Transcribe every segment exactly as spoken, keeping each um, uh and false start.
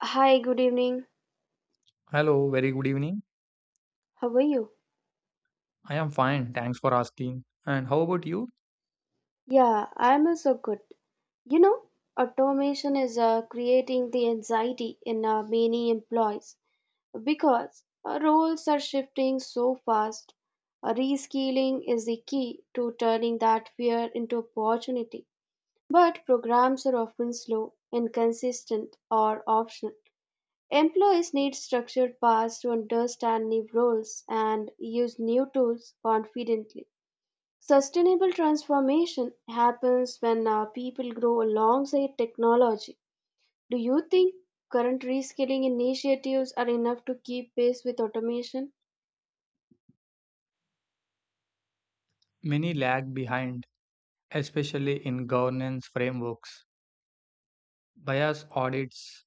Hi, good evening. Hello, very good evening. How are you? I am fine, thanks for asking. And how about you? Yeah, I'm also good. You know, Automation is uh, creating the anxiety in uh, many employees because uh, roles are shifting so fast. Uh, reskilling is the key to turning that fear into opportunity. But programs are often slow, inconsistent, or optional. Employees need structured paths to understand new roles and use new tools confidently. Sustainable transformation happens when uh, people grow alongside technology. Do you think current reskilling initiatives are enough to keep pace with automation? Many lag behind, especially in governance frameworks, bias audits,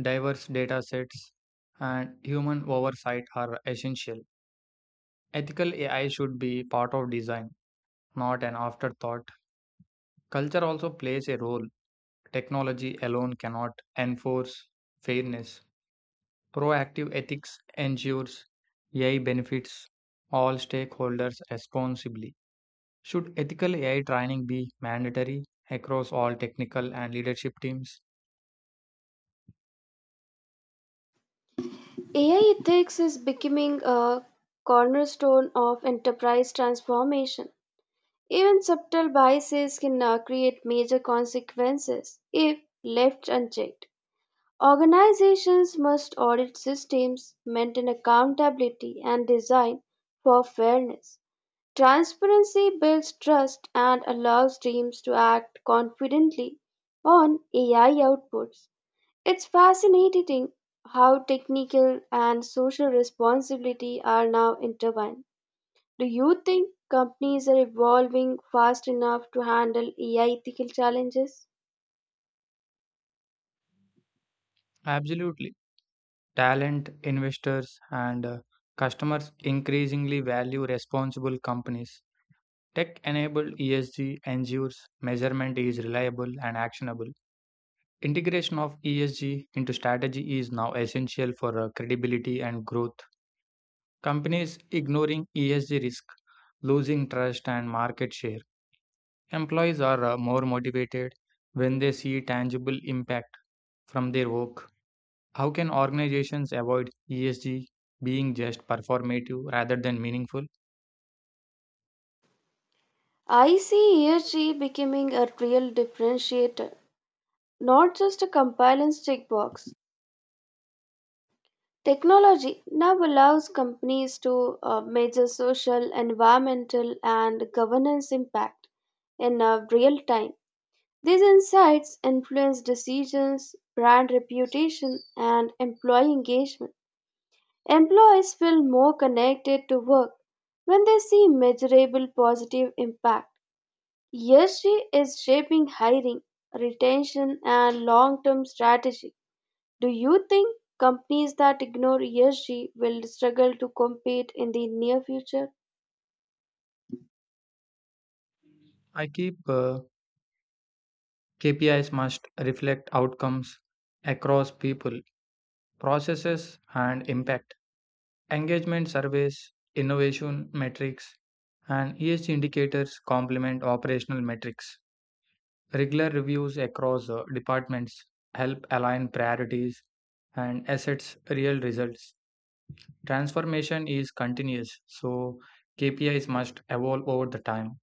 diverse data sets, and human oversight are essential. Ethical A I should be part of design, not an afterthought. Culture also plays a role. Technology alone cannot enforce fairness. Proactive ethics ensures A I benefits all stakeholders responsibly. Should ethical A I training be mandatory across all technical and leadership teams? A I ethics is becoming a cornerstone of enterprise transformation. Even subtle biases can uh, create major consequences if left unchecked. Organizations must audit systems, maintain accountability, and design for fairness. Transparency builds trust and allows teams to act confidently on A I outputs. It's fascinating how technical and social responsibility are now intertwined. Do you think companies are evolving fast enough to handle A I ethical challenges? Absolutely. Talent, investors, and uh, customers increasingly value responsible companies. Tech enabled E S G ensures measurement is reliable and actionable. Integration of E S G into strategy is now essential for uh, credibility and growth. Companies ignoring E S G risk losing trust and market share. Employees are uh, more motivated when they see tangible impact from their work. How can organizations avoid E S G being just performative rather than meaningful? I see E S G becoming a real differentiator, not just a compliance checkbox. Technology now allows companies to uh, measure social, environmental, and governance impact in uh, real time. These insights influence decisions, brand reputation, and employee engagement. Employees feel more connected to work when they see measurable positive impact. E S G is shaping hiring, retention, and long term strategy. Do you think companies that ignore E S G will struggle to compete in the near future? I keep uh, K P Is must reflect outcomes across people, processes, and impact. Engagement surveys, innovation metrics, and E S G indicators complement operational metrics. Regular reviews across uh, departments help align priorities and assets real results. Transformation is continuous, so K P Is must evolve over the time.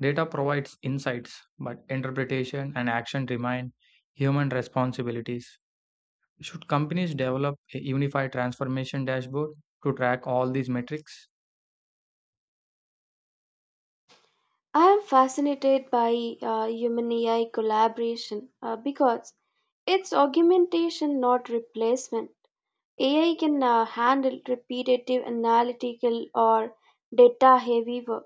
Data provides insights, but interpretation and action remain human responsibilities. Should companies develop a unified transformation dashboard to track all these metrics? I am fascinated by uh, human A I collaboration uh, because it's augmentation, not replacement. A I can uh, handle repetitive analytical or data heavy work.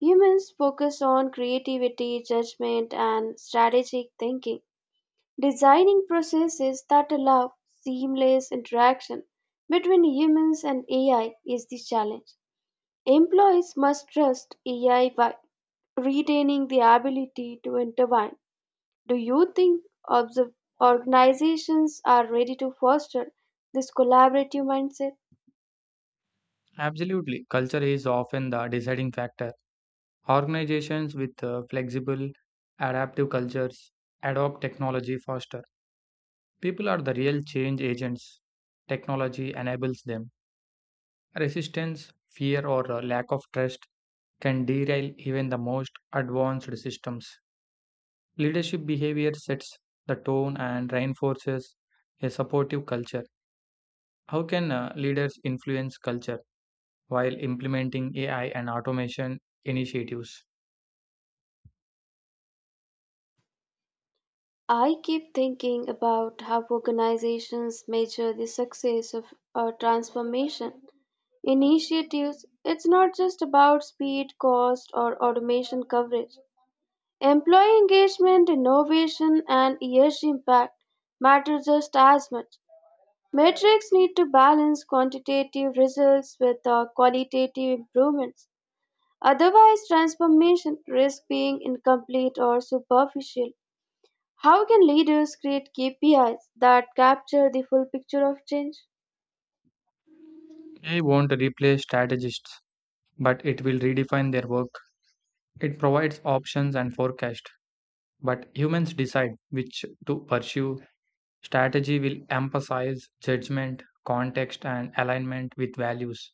Humans focus on creativity, judgment, and strategic thinking. Designing processes that allow seamless interaction between humans and A I is the challenge. Employees must trust A I while retaining the ability to intervene. Do you think observ- organizations are ready to foster this collaborative mindset? Absolutely. Culture is often the deciding factor. Organizations with uh, flexible, adaptive cultures adopt technology faster. People are the real change agents. Technology enables them. Resistance, fear, or uh, lack of trust can derail even the most advanced systems. Leadership behavior sets the tone and reinforces a supportive culture. How can uh, leaders influence culture while implementing A I and automation initiatives? I keep thinking about how organizations measure the success of a transformation initiatives. It's not just about speed, cost, or automation coverage. Employee engagement, innovation, and E S G impact matter just as much. Metrics need to balance quantitative results with uh, qualitative improvements. Otherwise, transformation risks being incomplete or superficial. How can leaders create K P Is that capture the full picture of change? A I won't replace strategists, but it will redefine their work. It provides options and forecast, but humans decide which to pursue. Strategy will emphasize judgment, context, and alignment with values.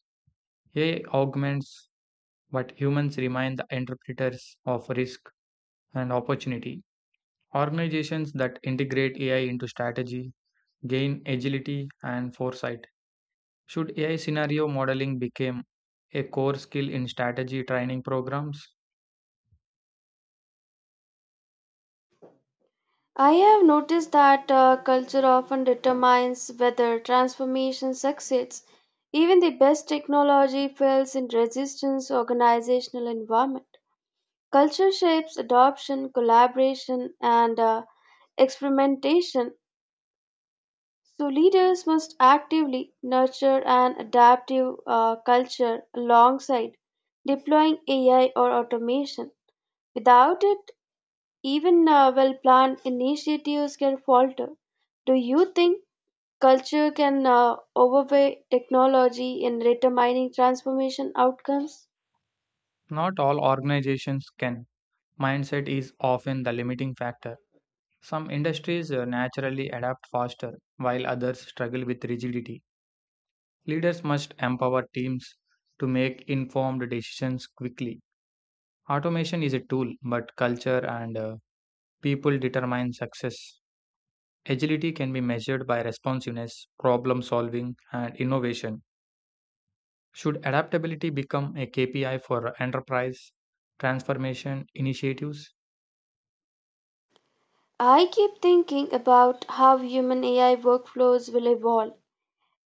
A I augments, but humans remain the interpreters of risk and opportunity. Organizations that integrate A I into strategy gain agility and foresight. Should A I scenario modeling become a core skill in strategy training programs? I have noticed that uh, culture often determines whether transformation succeeds. Even the best technology fails in resistance organizational environment. Culture shapes adoption, collaboration, and uh, experimentation. So leaders must actively nurture an adaptive uh, culture alongside deploying A I or automation. Without it, even uh, well planned initiatives can falter. Do you think culture can uh, overweigh technology in determining transformation outcomes? Not all organizations can. Mindset is often the limiting factor. Some industries uh, naturally adapt faster, while others struggle with rigidity. Leaders must empower teams to make informed decisions quickly. Automation is a tool, but culture and uh, people determine success. Agility can be measured by responsiveness, problem solving, and innovation. Should adaptability become a K P I for enterprise transformation initiatives? I keep thinking about how human A I workflows will evolve.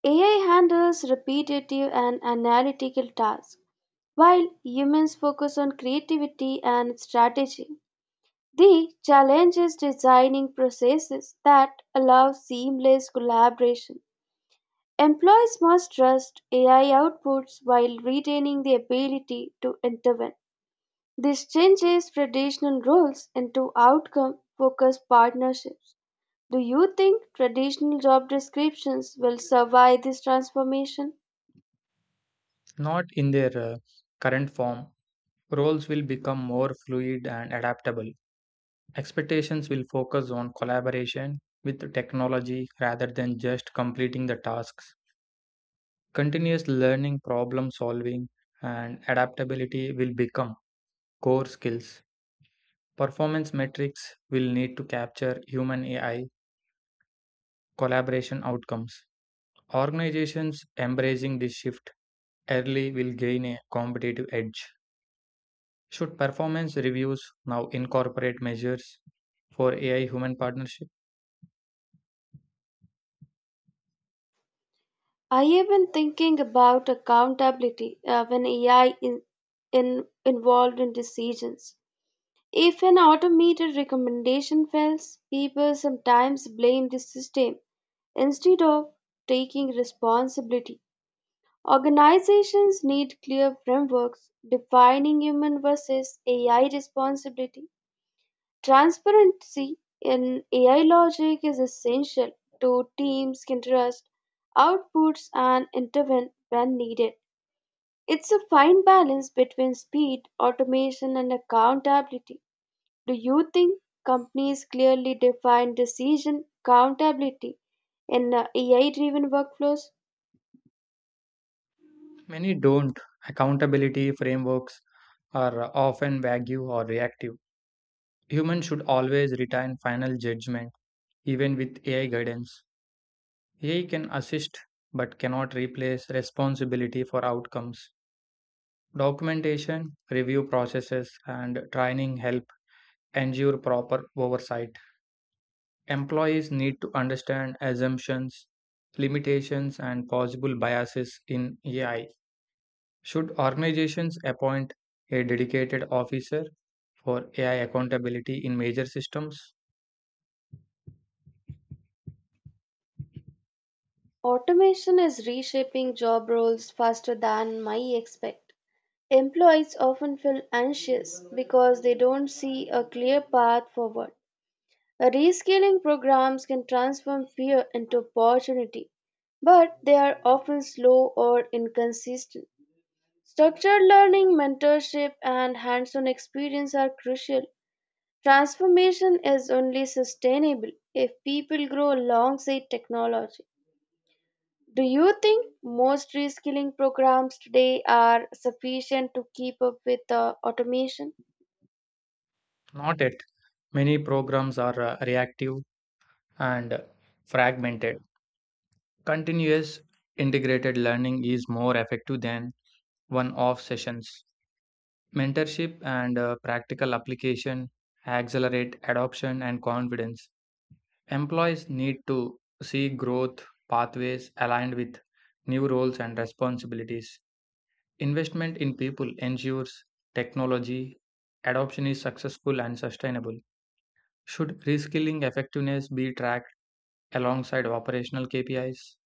A I handles repetitive and analytical tasks, while humans focus on creativity and strategy. The challenge is designing processes that allow seamless collaboration. Employees must trust A I outputs while retaining the ability to intervene. This changes traditional roles into outcome focused partnerships. Do you think traditional job descriptions will survive this transformation? Not in their uh, current form, roles will become more fluid and adaptable. Expectations will focus on collaboration with technology rather than just completing the tasks. Continuous learning, problem solving, and adaptability will become core skills. Performance metrics will need to capture human A I collaboration outcomes. Organizations embracing this shift early will gain a competitive edge. Should performance reviews now incorporate measures for A I human partnership? I have been thinking about accountability uh, when A I in, in, involved in decisions. If an automated recommendation fails, people sometimes blame the system instead of taking responsibility. Organizations need clear frameworks defining human versus A I responsibility. Transparency in A I logic is essential to teams can trust outputs and intervene when needed. It's a fine balance between speed, automation, and accountability. Do you think companies clearly define decision accountability in A I driven workflows? Many don't. Accountability frameworks are often vague or reactive. Humans should always retain final judgment, even with A I guidance. A I can assist but cannot replace responsibility for outcomes. Documentation, review processes, and training help ensure proper oversight. Employees need to understand assumptions, limitations, and possible biases in A I. Should organizations appoint a dedicated officer for A I accountability in major systems? Automation is reshaping job roles faster than my expect. Employees often feel anxious because they don't see a clear path forward. Rescaling programs can transform fear into opportunity, but they are often slow or inconsistent. Structured learning, mentorship, and hands on experience are crucial. Transformation is only sustainable if people grow alongside technology. Do you think most reskilling programs today are sufficient to keep up with uh, automation? Not yet. Many programs are uh, reactive and fragmented. Continuous integrated learning is more effective than one off sessions. Mentorship and uh, practical application accelerate adoption and confidence. Employees need to see growth pathways aligned with new roles and responsibilities. Investment in people ensures technology adoption is successful and sustainable. Should reskilling effectiveness be tracked alongside operational K P Is?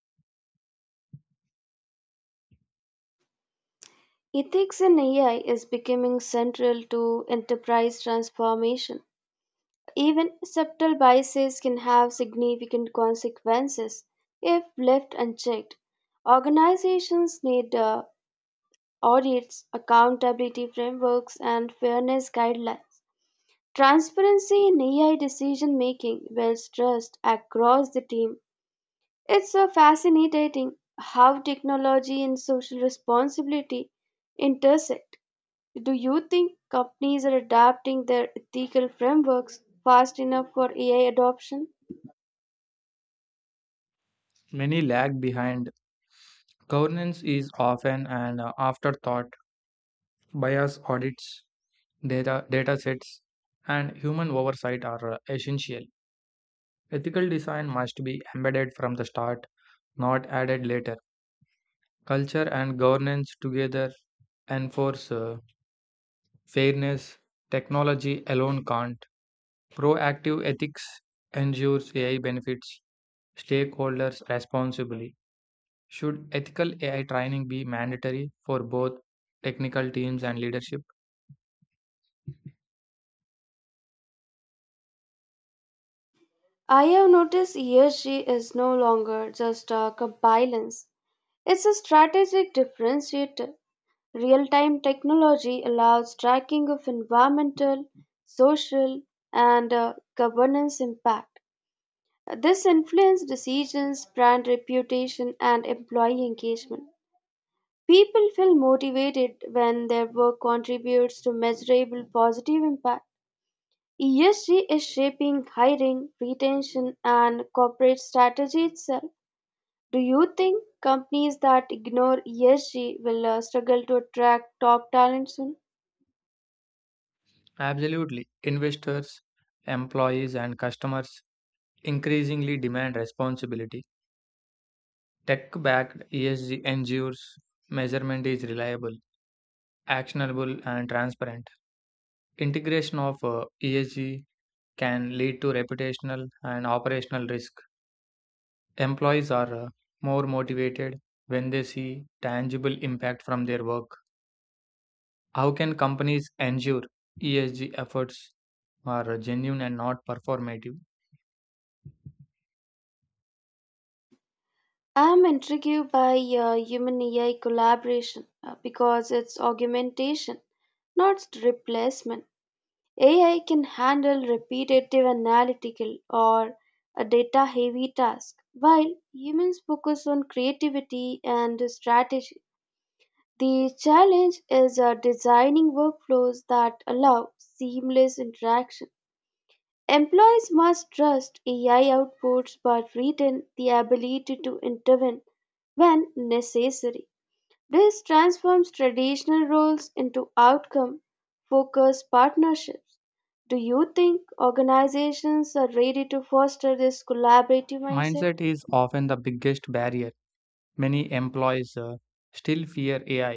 Ethics in A I is becoming central to enterprise transformation. Even subtle biases can have significant consequences if left unchecked. Organizations need uh, audits, accountability frameworks, and fairness guidelines. Transparency in A I decision making builds trust across the team. It's so fascinating how technology and social responsibility intersect. Do you think companies are adapting their ethical frameworks fast enough for A I adoption? Many lag behind. Governance is often an uh, afterthought. Bias audits Data, data sets and human oversight are uh, essential. Ethical design must be embedded from the start, not added later. Culture and governance together enforce uh, fairness. Technology alone can't. Proactive ethics ensures A I benefits stakeholders responsibly. Should ethical A I training be mandatory for both technical teams and leadership? I have noticed E S G is no longer just a compliance. It's a strategic differentiator. Real-time technology allows tracking of environmental, social, and uh, governance impact. This influences decisions, brand reputation, and employee engagement. People feel motivated when their work contributes to measurable positive impact. E S G is shaping hiring, retention, and corporate strategy itself. Do you think companies that ignore E S G will uh, struggle to attract top talent soon? Absolutely. Investors, employees, and customers increasingly demand responsibility. Tech backed E S G ensures measurement is reliable, actionable, and transparent. Integration of uh, E S G can lead to reputational and operational risk. Employees are uh, more motivated when they see tangible impact from their work. How can companies ensure E S G efforts are genuine and not performative? I'm intrigued by uh, human A I collaboration uh, because it's augmentation, not replacement. A I can handle repetitive analytical or a data heavy task, while humans focus on creativity and strategy. The challenge is uh, designing workflows that allow seamless interaction. Employees must trust A I outputs but retain the ability to intervene when necessary. This transforms traditional roles into outcome focused partnerships. Do you think organizations are ready to foster this collaborative mindset? Mindset is often the biggest barrier. Many employees uh, still fear A I